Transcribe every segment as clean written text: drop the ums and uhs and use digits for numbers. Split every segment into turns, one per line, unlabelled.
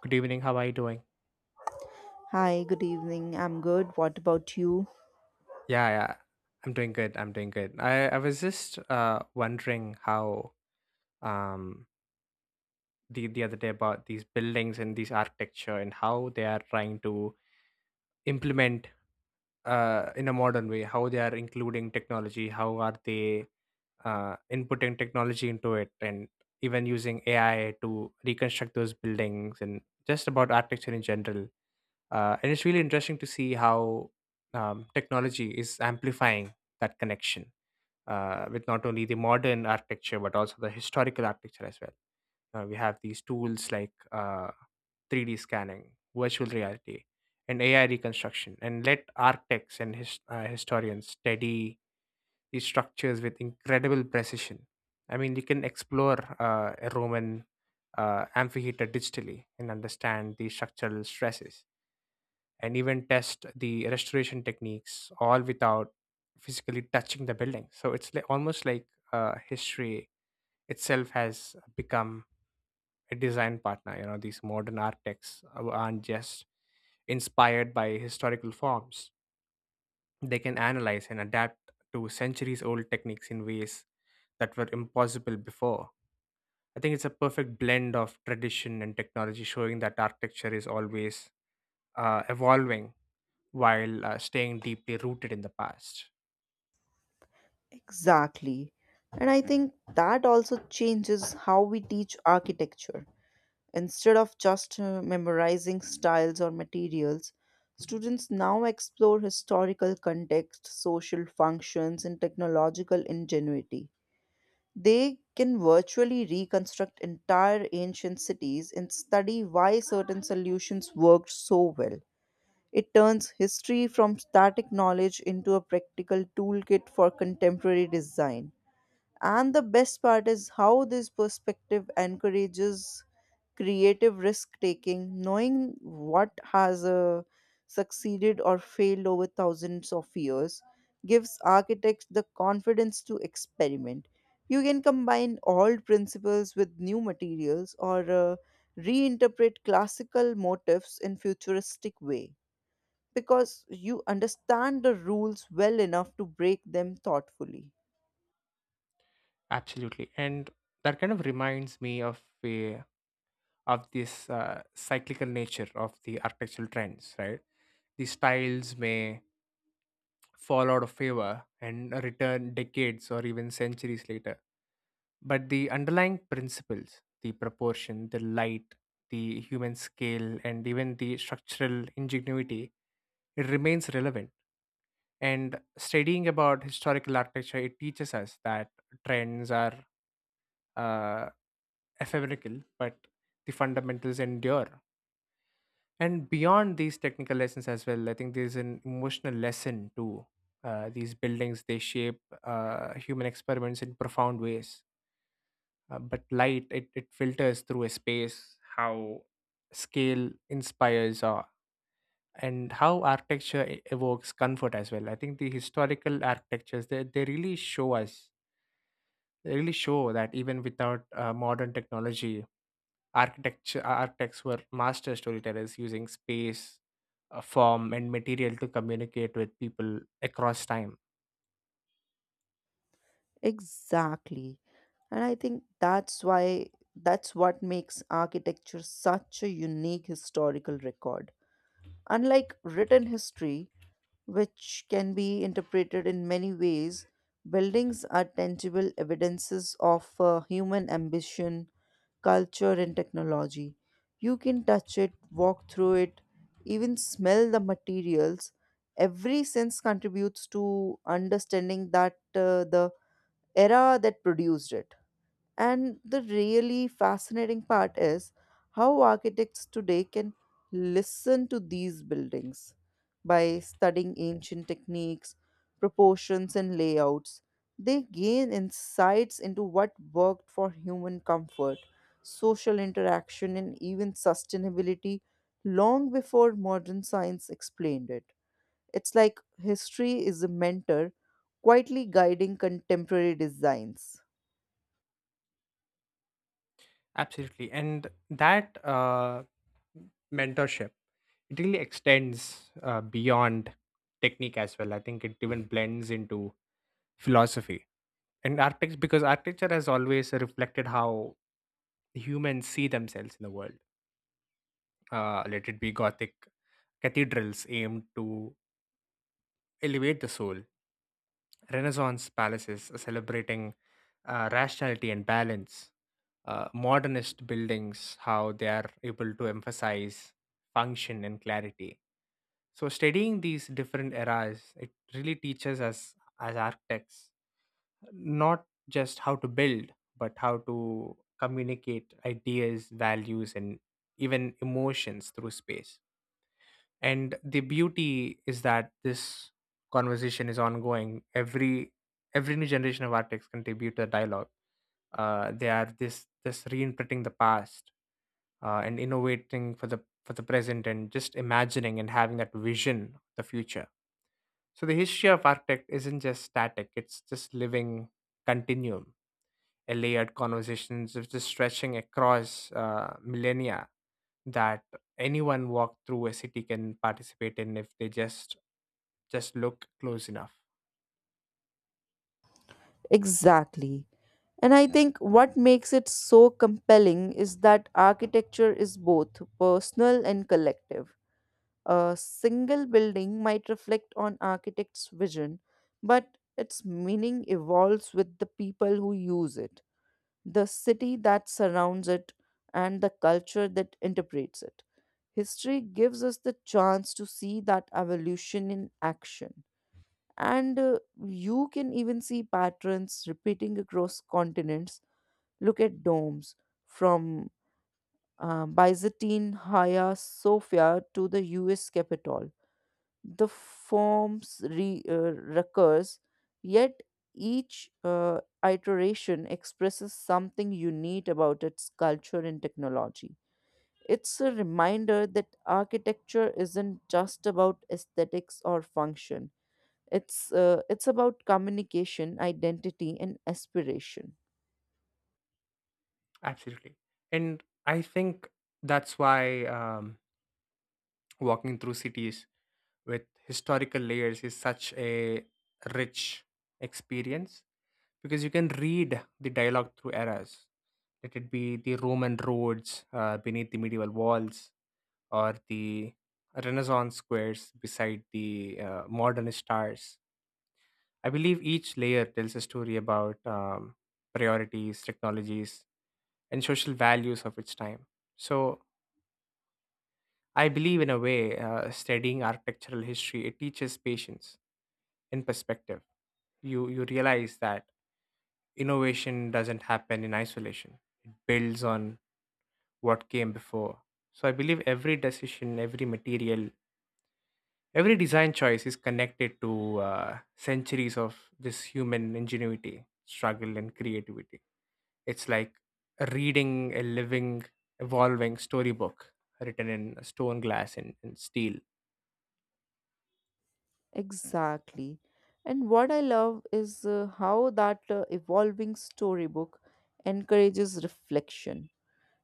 Good evening. How are you doing?
Hi, good evening. I'm good. What about you?
Yeah, yeah. I'm doing good. I was just wondering how um the other day about these buildings and these architecture and how they are trying to implement in a modern way, how they are including technology, how are they inputting technology into it and even using AI to reconstruct those buildings and just about architecture in general. And it's really interesting to see how technology is amplifying that connection with not only the modern architecture but also the historical architecture as well. We have these tools like 3D scanning, virtual reality, and AI reconstruction, and let architects and historians study these structures with incredible precision. I mean, you can explore a Roman amphitheater digitally and understand the structural stresses and even test the restoration techniques all without physically touching the building, so it's like almost like history itself has become a design partner. You know, these modern architects aren't just inspired by historical forms, they can analyze and adapt to centuries old techniques in ways that were impossible before. I think it's a perfect blend of tradition and technology, showing that architecture is always evolving while staying deeply rooted in the past.
Exactly. And I think that also changes how we teach architecture. Instead of just memorizing styles or materials, students now explore historical context, social functions, and technological ingenuity. They can virtually reconstruct entire ancient cities and study why certain solutions worked so well. It turns history from static knowledge into a practical toolkit for contemporary design. And the best part is how this perspective encourages creative risk taking, knowing what has succeeded or failed over thousands of years gives architects the confidence to experiment. You can combine old principles with new materials or reinterpret classical motifs in futuristic way because you understand the rules well enough to break them thoughtfully.
Absolutely, and that kind of reminds me of a of this cyclical nature of the architectural trends, right? These styles may fall out of favor and return decades or even centuries later. But the underlying principles, the proportion, the light, the human scale, and even the structural ingenuity, it remains relevant. And studying about historical architecture, it teaches us that trends are uh, ephemeral but the fundamentals endure. And beyond these technical lessons as well, I think there's an emotional lesson too. These buildings, they shape human experiments in profound ways. But light, it filters through a space, how scale inspires awe, and how architecture evokes comfort as well. I think the historical architectures they really show us really show that even without modern technology, architecture architects were master storytellers, using space, form, and material to communicate with people across time.
Exactly. And I think that's what makes architecture such a unique historical record. Unlike written history, which can be interpreted in many ways, buildings are tangible evidences of human ambition, culture, and technology. You can touch it, walk through it, even smell the materials. Every sense contributes to understanding that the era that produced it. And the really fascinating part is how architects today can listen to these buildings by studying ancient techniques, proportions, and layouts. They gain insights into what worked for human comfort, social interaction, and even sustainability long before modern science explained it. It's like history is a mentor quietly guiding contemporary designs.
Absolutely, and that mentorship, it really extends beyond technique as well. I think it even blends into philosophy and architects, because architecture has always reflected how humans see themselves in the world. Let it be Gothic cathedrals aimed to elevate the soul, Renaissance palaces celebrating rationality and balance, modernist buildings, how they are able to emphasize function and clarity. So, studying these different eras, it really teaches us as architects not just how to build, but how to communicate ideas, values, and even emotions through space. And the beauty is that this conversation is ongoing. Every new generation of artists contribute to the dialogue. They are this this reinterpreting the past and innovating for the present, and just imagining and having that vision of the future. So the history of architect isn't just static, it's just living continuum, a layered conversations of just stretching across millennia that anyone walk through a city can participate in if they just look close enough.
Exactly. And I think what makes it so compelling is that architecture is both personal and collective. A single building might reflect on architect's vision, but its meaning evolves with the people who use it, the city that surrounds it, and the culture that interprets it. History gives us the chance to see that evolution in action. And You can even see patterns repeating across continents. Look at domes from Byzantine Hagia Sophia to the US Capitol. The forms recurs, yet each iteration expresses something unique about its culture and technology. It's a reminder that architecture isn't just about aesthetics or function. It's about communication, identity, and aspiration.
Absolutely, and I think that's why walking through cities with historical layers is such a rich experience, because you can read the dialogue through eras. Let it be the Roman roads beneath the medieval walls, or the Renaissance squares beside the modern stars. I believe each layer tells a story about priorities, technologies, and social values of its time. So I believe, in a way, studying architectural history, it teaches patience and perspective. You realize that innovation doesn't happen in isolation. It builds on what came before. So I believe every decision, every material, every design choice is connected to centuries of this human ingenuity, struggle, and creativity. It's like reading a living, evolving storybook written in stone, glass, and steel.
Exactly. And what I love is how that evolving storybook encourages reflection.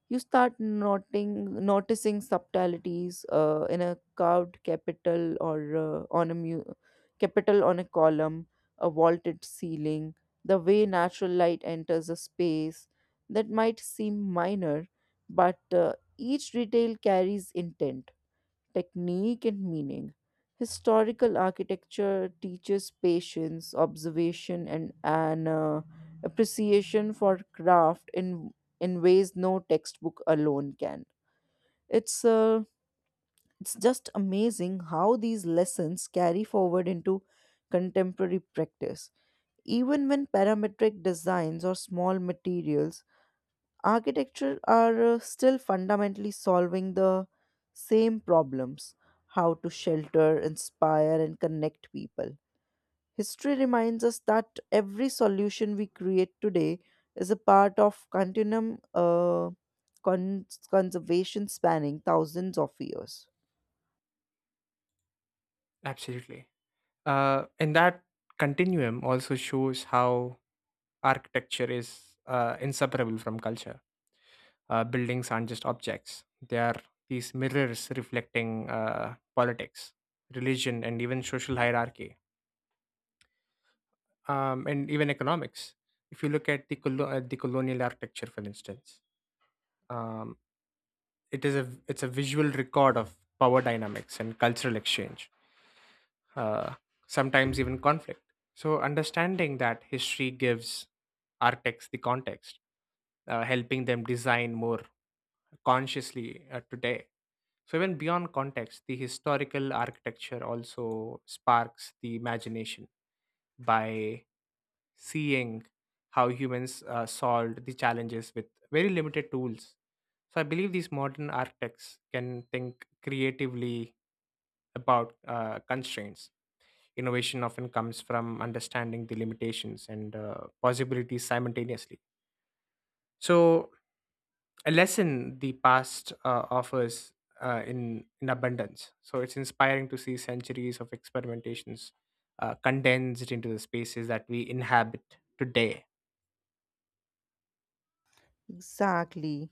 You start noticing subtleties in a carved capital or capital on a column, a vaulted ceiling, the way natural light enters a space that might seem minor, but each detail carries intent technique and meaning. Historical architecture teaches patience, observation, and an appreciation for craft in ways no textbook alone can. It's uh, it's just amazing how these lessons carry forward into contemporary practice. Even when parametric designs or small materials architecture are still fundamentally solving the same problems how to shelter, inspire, and connect people. History reminds us that every solution we create today is a part of conservation spanning thousands of years.
Absolutely. And that continuum also shows how architecture is inseparable from culture. Buildings aren't just objects, they are these mirrors reflecting politics, religion, and even social hierarchy, and even economics. If you look at at the colonial architecture, for instance, um, it's a visual record of power dynamics and cultural exchange, uh, sometimes even conflict. So understanding that history gives architects the context, helping them design more consciously today. So even beyond context, the historical architecture also sparks the imagination by seeing how humans solved the challenges with very limited tools. So I believe these modern architects can think creatively about constraints. Innovation often comes from understanding the limitations and possibilities simultaneously. So a lesson the past offers in abundance. So it's inspiring to see centuries of experimentations condensed into the spaces that we inhabit today.
Exactly.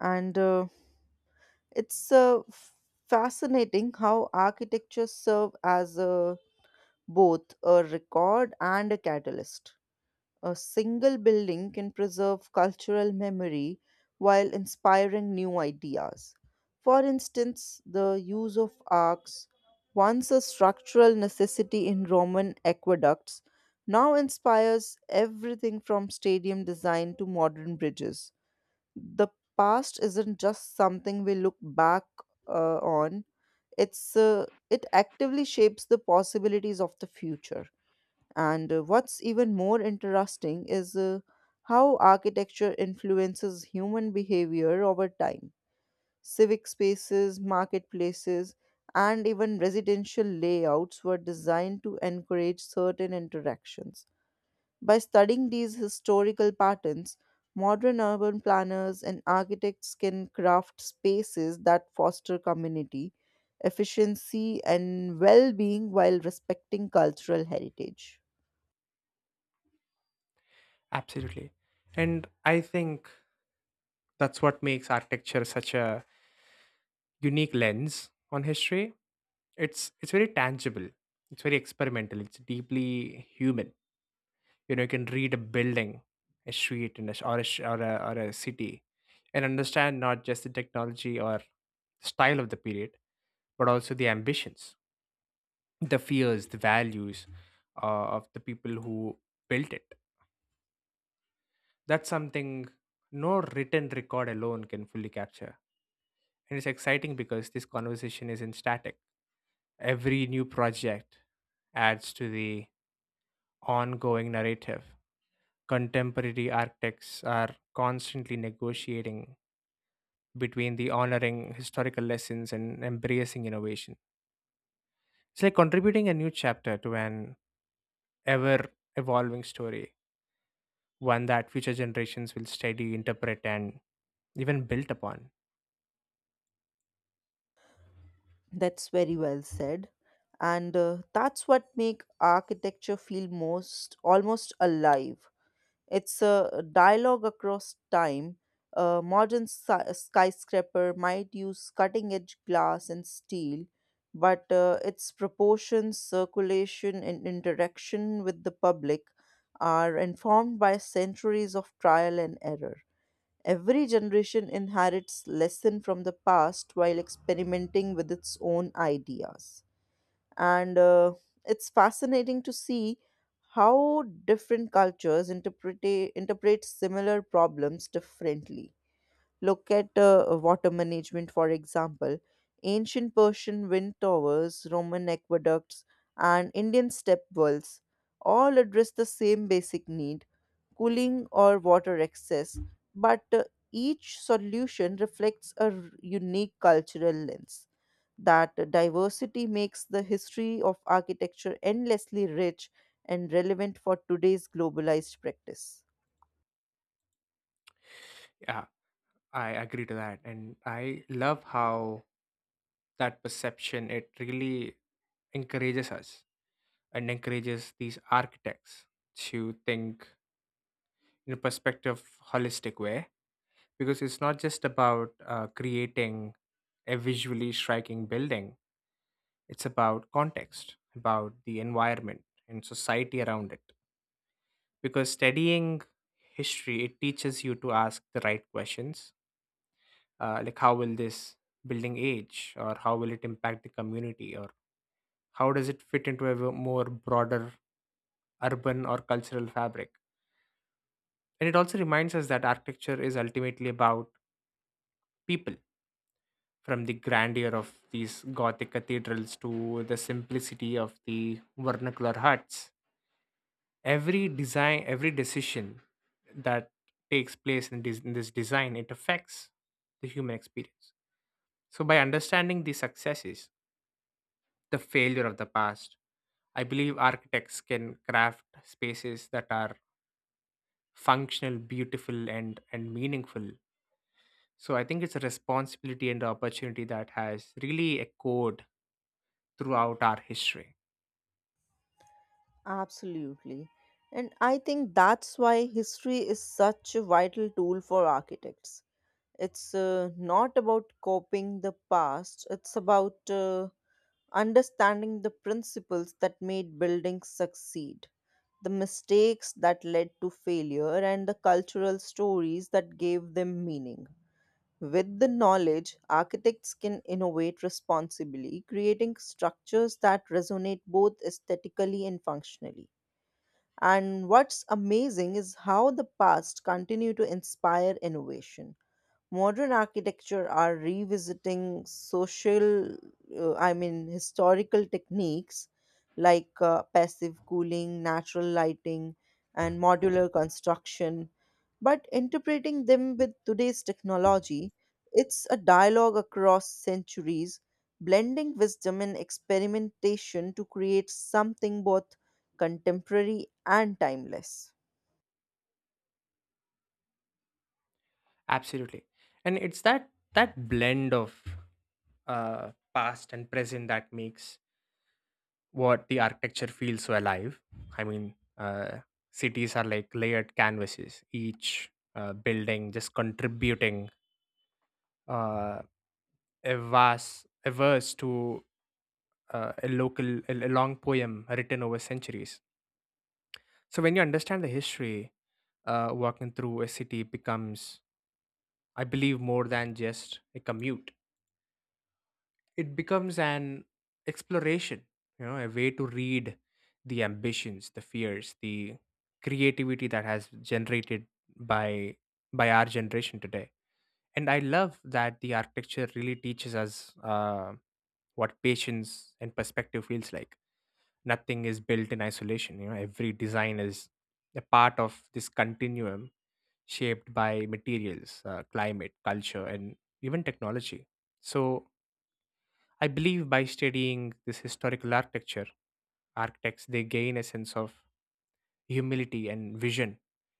And uh, it's uh, f- Fascinating how architecture serve as a, both a record and a catalyst. A single building can preserve cultural memory while inspiring new ideas. For instance, the use of arcs, once a structural necessity in Roman aqueducts, now inspires everything from stadium design to modern bridges. The past isn't just something we look back on, it actively shapes the possibilities of the future. And what's even more interesting is how architecture influences human behavior over time. Civic spaces, marketplaces, and even residential layouts were designed to encourage certain interactions. By studying these historical patterns, modern urban planners and architects can craft spaces that foster community, efficiency, and well being while respecting cultural heritage.
Absolutely, and I think that's what makes architecture such a unique lens on history. It's very tangible. It's very experimental. It's deeply human. You know, you can read a building, a street, and a, sh- or, a, sh- or a city, and understand not just the technology or style of the period, but also the ambitions, the fears, the values of the people who built it. That's something no written record alone can fully capture. And it's exciting because this conversation isn't static. Every new project adds to the ongoing narrative. Contemporary architects are constantly negotiating between the honoring historical lessons and embracing innovation. It's like contributing a new chapter to an ever evolving story, one that future generations will study, interpret, and even build upon.
That's very well said. And That's what make architecture feel most almost alive. It's a dialogue across time. A modern skyscraper might use cutting edge glass and steel, but its proportions, circulation, and interaction with the public are informed by centuries of trial and error. Every generation inherits lesson from the past while experimenting with its own ideas, and it's fascinating to see how different cultures interpret similar problems differently. Look at water management, for example. Ancient Persian wind towers, Roman aqueducts, and Indian step wells all address the same basic need cooling or water excess, but each solution reflects a unique cultural lens. That diversity makes the history of architecture endlessly rich and relevant for today's globalized practice.
Yeah, I agree to that. And I love how that perception, it really encourages us and encourages these architects to think in a perspective holistic way, because it's not just about creating a visually striking building. It's about context, about the environment and society around it. Because studying history, it teaches you to ask the right questions, like how will this building age, or how will it impact the community, or how does it fit into a more broader urban or cultural fabric. And it also reminds us that architecture is ultimately about people. From the grandeur of these Gothic cathedrals to the simplicity of the vernacular huts, every design, every decision that takes place this design, it affects the human experience. So by understanding the successes, the failure of the past, I believe architects can craft spaces that are functional, beautiful, and meaningful. So I think it's a responsibility and opportunity that has really echoed throughout our history.
Absolutely. And I think that's why history is such a vital tool for architects. It's not about copying the past, it's about understanding the principles that made buildings succeed, the mistakes that led to failure, and the cultural stories that gave them meaning. With the knowledge, architects can innovate responsibly, creating structures that resonate both aesthetically and functionally. And what's amazing is how the past continue to inspire innovation. Modern architecture are revisiting historical techniques like passive cooling, natural lighting, and modular construction but interpreting them with today's technology. It's a dialogue across centuries, blending wisdom and experimentation to create something both contemporary and timeless.
Absolutely, and it's that blend of past and present that makes what the architecture feels so alive. I mean, cities are like layered canvases, each building just contributing uh, a verse to a long poem written over centuries. So when you understand the history, walking through a city becomes, I believe, more than just a commute. It becomes an exploration. You know, a way to read the ambitions, the fears, the creativity that has generated by by our generation today. And I love that the architecture really teaches us what patience and perspective feels like. Nothing is built in isolation. You know, every design is a part of this continuum, shaped by materials, climate, culture, and even technology. So I believe by studying this historical architecture, architects, they gain a sense of humility and vision,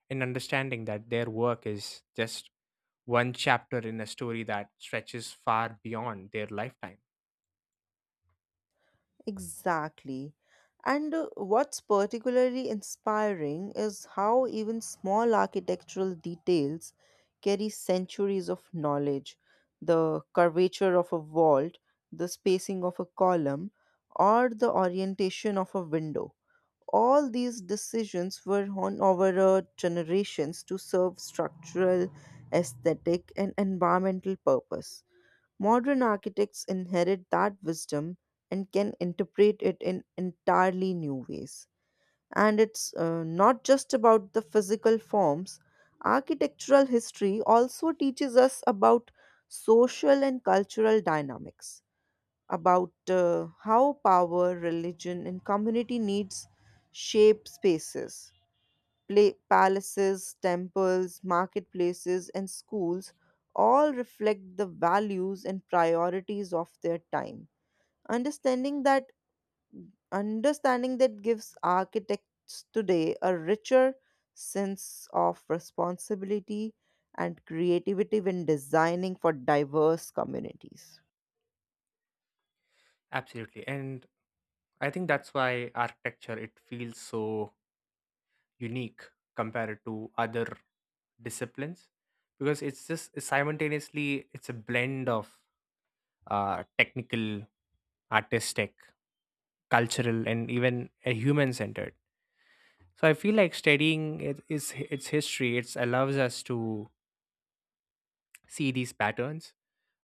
in understanding that their work is just one chapter in a story that stretches far beyond their lifetime.
Exactly. And What's particularly inspiring is how even small architectural details carry centuries of knowledge. The curvature of a vault, the spacing of a column, or the orientation of a window. All these decisions were honed over generations to serve structural, aesthetic, and environmental purpose. Modern architects inherit that wisdom and can interpret it in entirely new ways. And it's not just about the physical forms. Architectural history also teaches us about social and cultural dynamics, about how power, religion, and community needs shape spaces. Pla Palaces, temples, marketplaces, and schools all reflect the values and priorities of their time. Understanding that Understanding that gives architects today a richer sense of responsibility and creativity when designing for diverse communities.
Absolutely. And I think that's why architecture, it feels so unique compared to other disciplines, because it's just simultaneously it's a blend of technical, artistic, cultural, and even human centered. So I feel like studying it, is its history. It allows us to see these patterns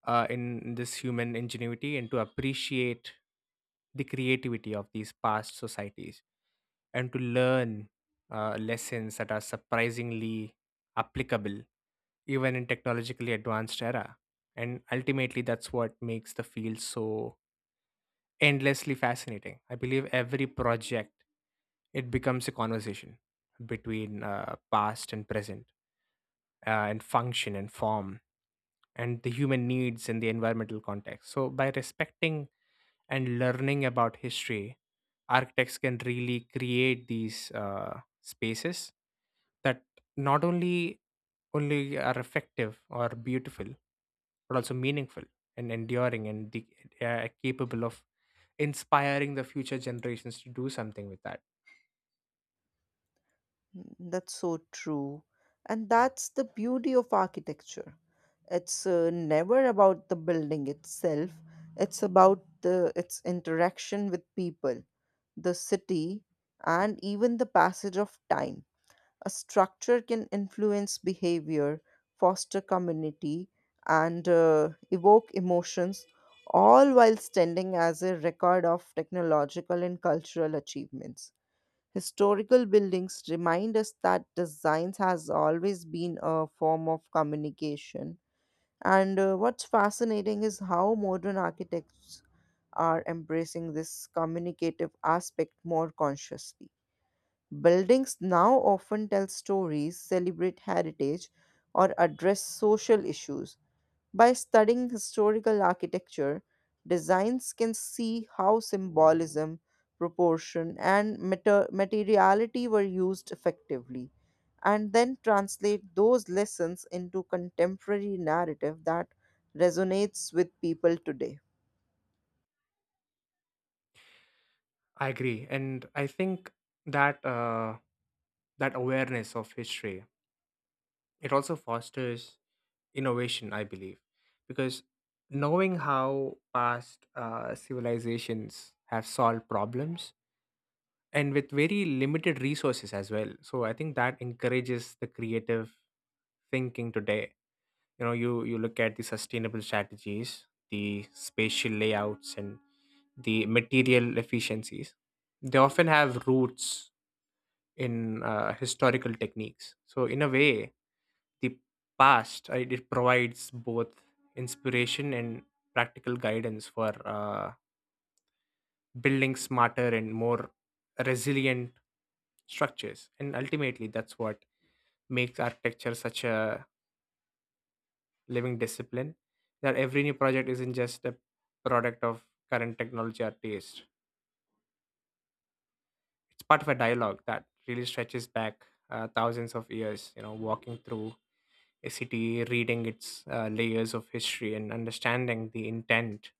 in this human ingenuity, and to appreciate the creativity of these past societies, and to learn lessons that are surprisingly applicable even in technologically advanced era. And ultimately, that's what makes the field so endlessly fascinating. I believe every project, it becomes a conversation between past and present, and function and form, and the human needs and the environmental context. So, by respecting and learning about history, architects can really create these spaces that not only are effective or beautiful, but also meaningful and enduring, and capable of inspiring the future generations to do something with that.
Mm, that's so true. And that's the beauty of architecture. It's never about the building itself. It's about the its interaction with people, the city, and even the passage of time. A structure can influence behavior, foster community, and evoke emotions, all while standing as a record of technological and cultural achievements. Historical buildings remind us that designs has always been a form of communication. And What's fascinating is how modern architects are embracing this communicative aspect more consciously. Buildings now often tell stories, celebrate heritage, or address social issues. By studying historical architecture, designs can see how symbolism, proportion, and materiality were used effectively, and then translate those lessons into contemporary narrative that resonates with people today.
I agree, and I think that that awareness of history, it also fosters innovation, I believe, because knowing how past civilizations have solved problems and with very limited resources as well, so I think that encourages the creative thinking today. You know, you look at the sustainable strategies, the spatial layouts, and the material efficiencies, they often have roots in historical techniques. So in a way, the past, right, it provides both inspiration and practical guidance for building smarter and more resilient structures. And ultimately, that's what makes architecture such a living discipline, that every new project isn't just a product of current technology or taste. It's part of a dialogue that really stretches back thousands of years. You know, walking through a city, reading its layers of history, and understanding the intent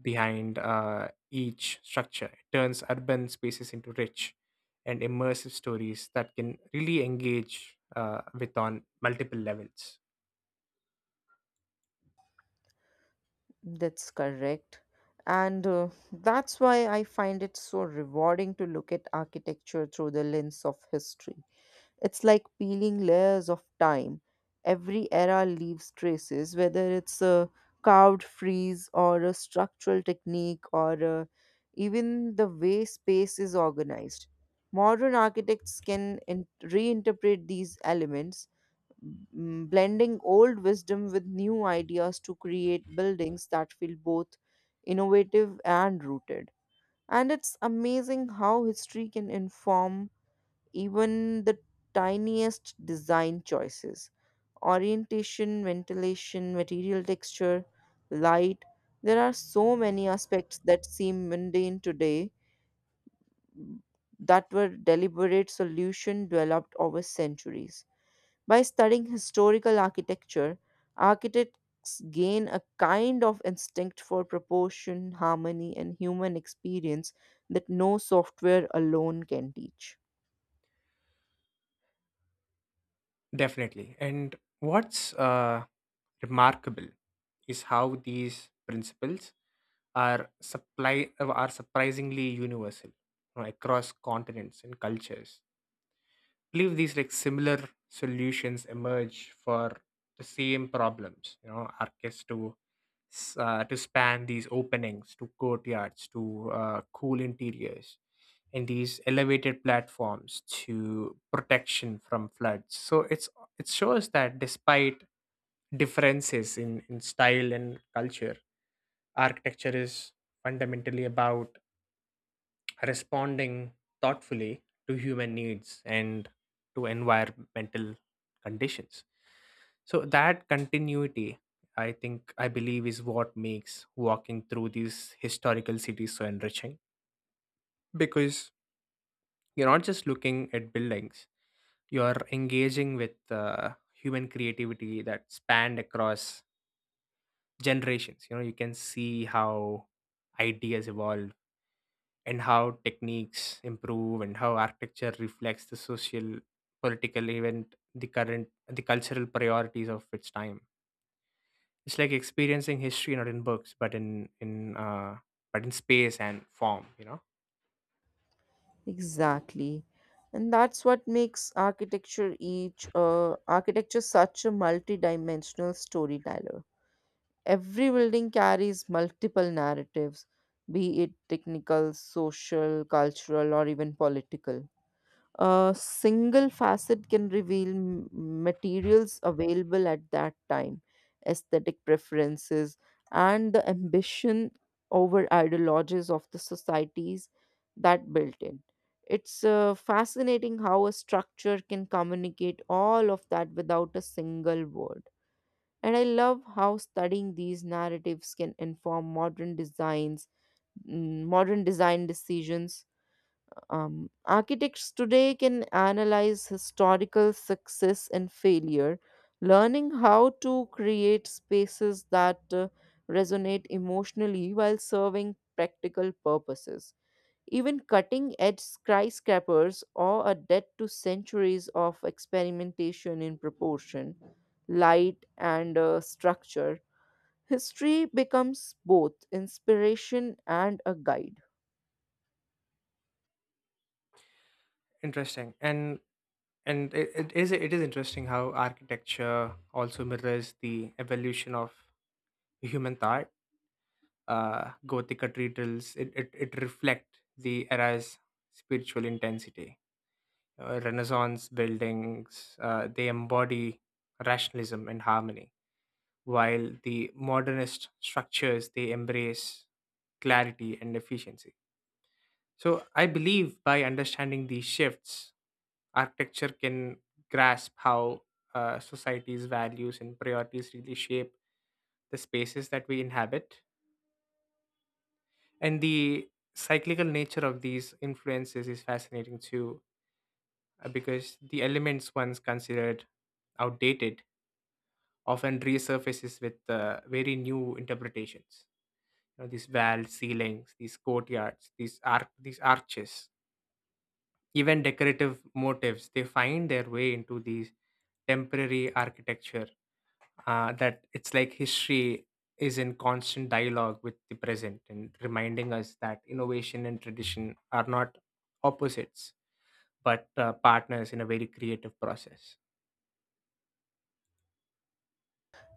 behind each structure, it turns urban spaces into rich and immersive stories that can really engage with on multiple levels.
That's correct. And That's why I find it so rewarding to look at architecture through the lens of history. It's like peeling layers of time. Every era leaves traces, whether it's a carved frieze or a structural technique or even the way space is organized. Modern architects can reinterpret these elements, mm, blending old wisdom with new ideas to create buildings that feel both innovative and rooted. And it's amazing how history can inform even the tiniest design choices: orientation, ventilation, material texture, light. There are so many aspects that seem mundane today that were deliberate solutions developed over centuries. By studying historical architecture, architects gain a kind of instinct for proportion, harmony, and human experience that no software alone can teach.
Definitely. And what's remarkable is how these principles are surprisingly universal, you know, across continents and cultures. I believe these like similar solutions emerge for the same problems. You know, arches to to span these openings, to courtyards, to cool interiors, and these elevated platforms to protection from floods. So it shows that despite differences in style and culture. Architecture is fundamentally about responding thoughtfully to human needs and to environmental conditions. So that continuity, I believe, is what makes walking through these historical cities so enriching, because you're not just looking at buildings, you're engaging with human creativity that spanned across generations. You know, you can see how ideas evolve, and how techniques improve, and how architecture reflects the social, political event, the cultural priorities of its time. It's like experiencing history not in books, but in but in space and form, you know.
Exactly. And that's what makes architecture such a multidimensional storyteller. Every building carries multiple narratives, be it technical, social, cultural, or even political. A single facet can reveal materials available at that time, aesthetic preferences, and the ambition over ideologies of the societies that built in. It's fascinating how a structure can communicate all of that without a single word. And I love how studying these narratives can inform modern design decisions. Architects today can analyze historical success and failure, learning how to create spaces that resonate emotionally while serving practical purposes. Even cutting edge skyscrapers are a debt to centuries of experimentation in proportion, light, and structure. History becomes both inspiration and a guide.
Interesting. And it is interesting how architecture also mirrors the evolution of human thought. Gothic cathedrals, it reflect the era's spiritual intensity. Renaissance buildings, they embody rationalism and harmony, while the modernist structures, they embrace clarity and efficiency. So I believe by understanding these shifts, architecture can grasp how society's values and priorities really shape the spaces that we inhabit. And the cyclical nature of these influences is fascinating too, because the elements once considered outdated often resurfaces with very new interpretations. You know, these valves ceilings, these courtyards, these arches, even decorative motifs, they find their way into these temporary architecture. That, it's like history is in constant dialogue with the present, and reminding us that innovation and tradition are not opposites but partners in a very creative process.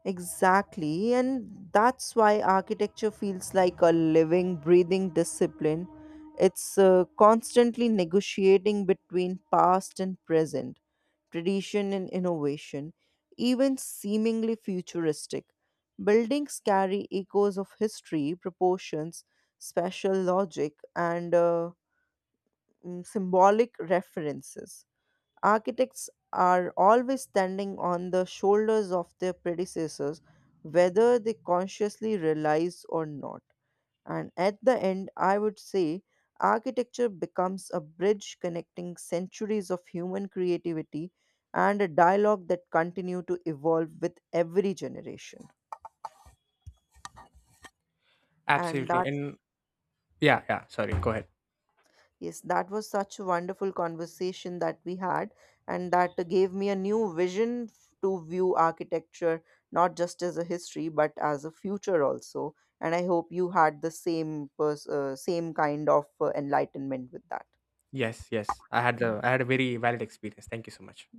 Exactly, and that's why architecture feels like a living, breathing discipline. It's constantly negotiating between past and present, tradition and innovation, even seemingly futuristic. Buildings carry echoes of history, proportions, spatial logic, and symbolic references. Architects are always standing on the shoulders of their predecessors, whether they consciously realize or not. And at the end, I would say architecture becomes a bridge connecting centuries of human creativity and a dialogue that continue to evolve with every generation. And
Absolutely.
that
And yeah, yeah, sorry, go ahead.
yes, that was such a wonderful conversation that we had, and that gave me a new vision to view architecture not just as a history but as a future also. And I hope you had the same same kind of enlightenment with that.
Yes, yes. I had the I had a very valid experience. Thank you so much.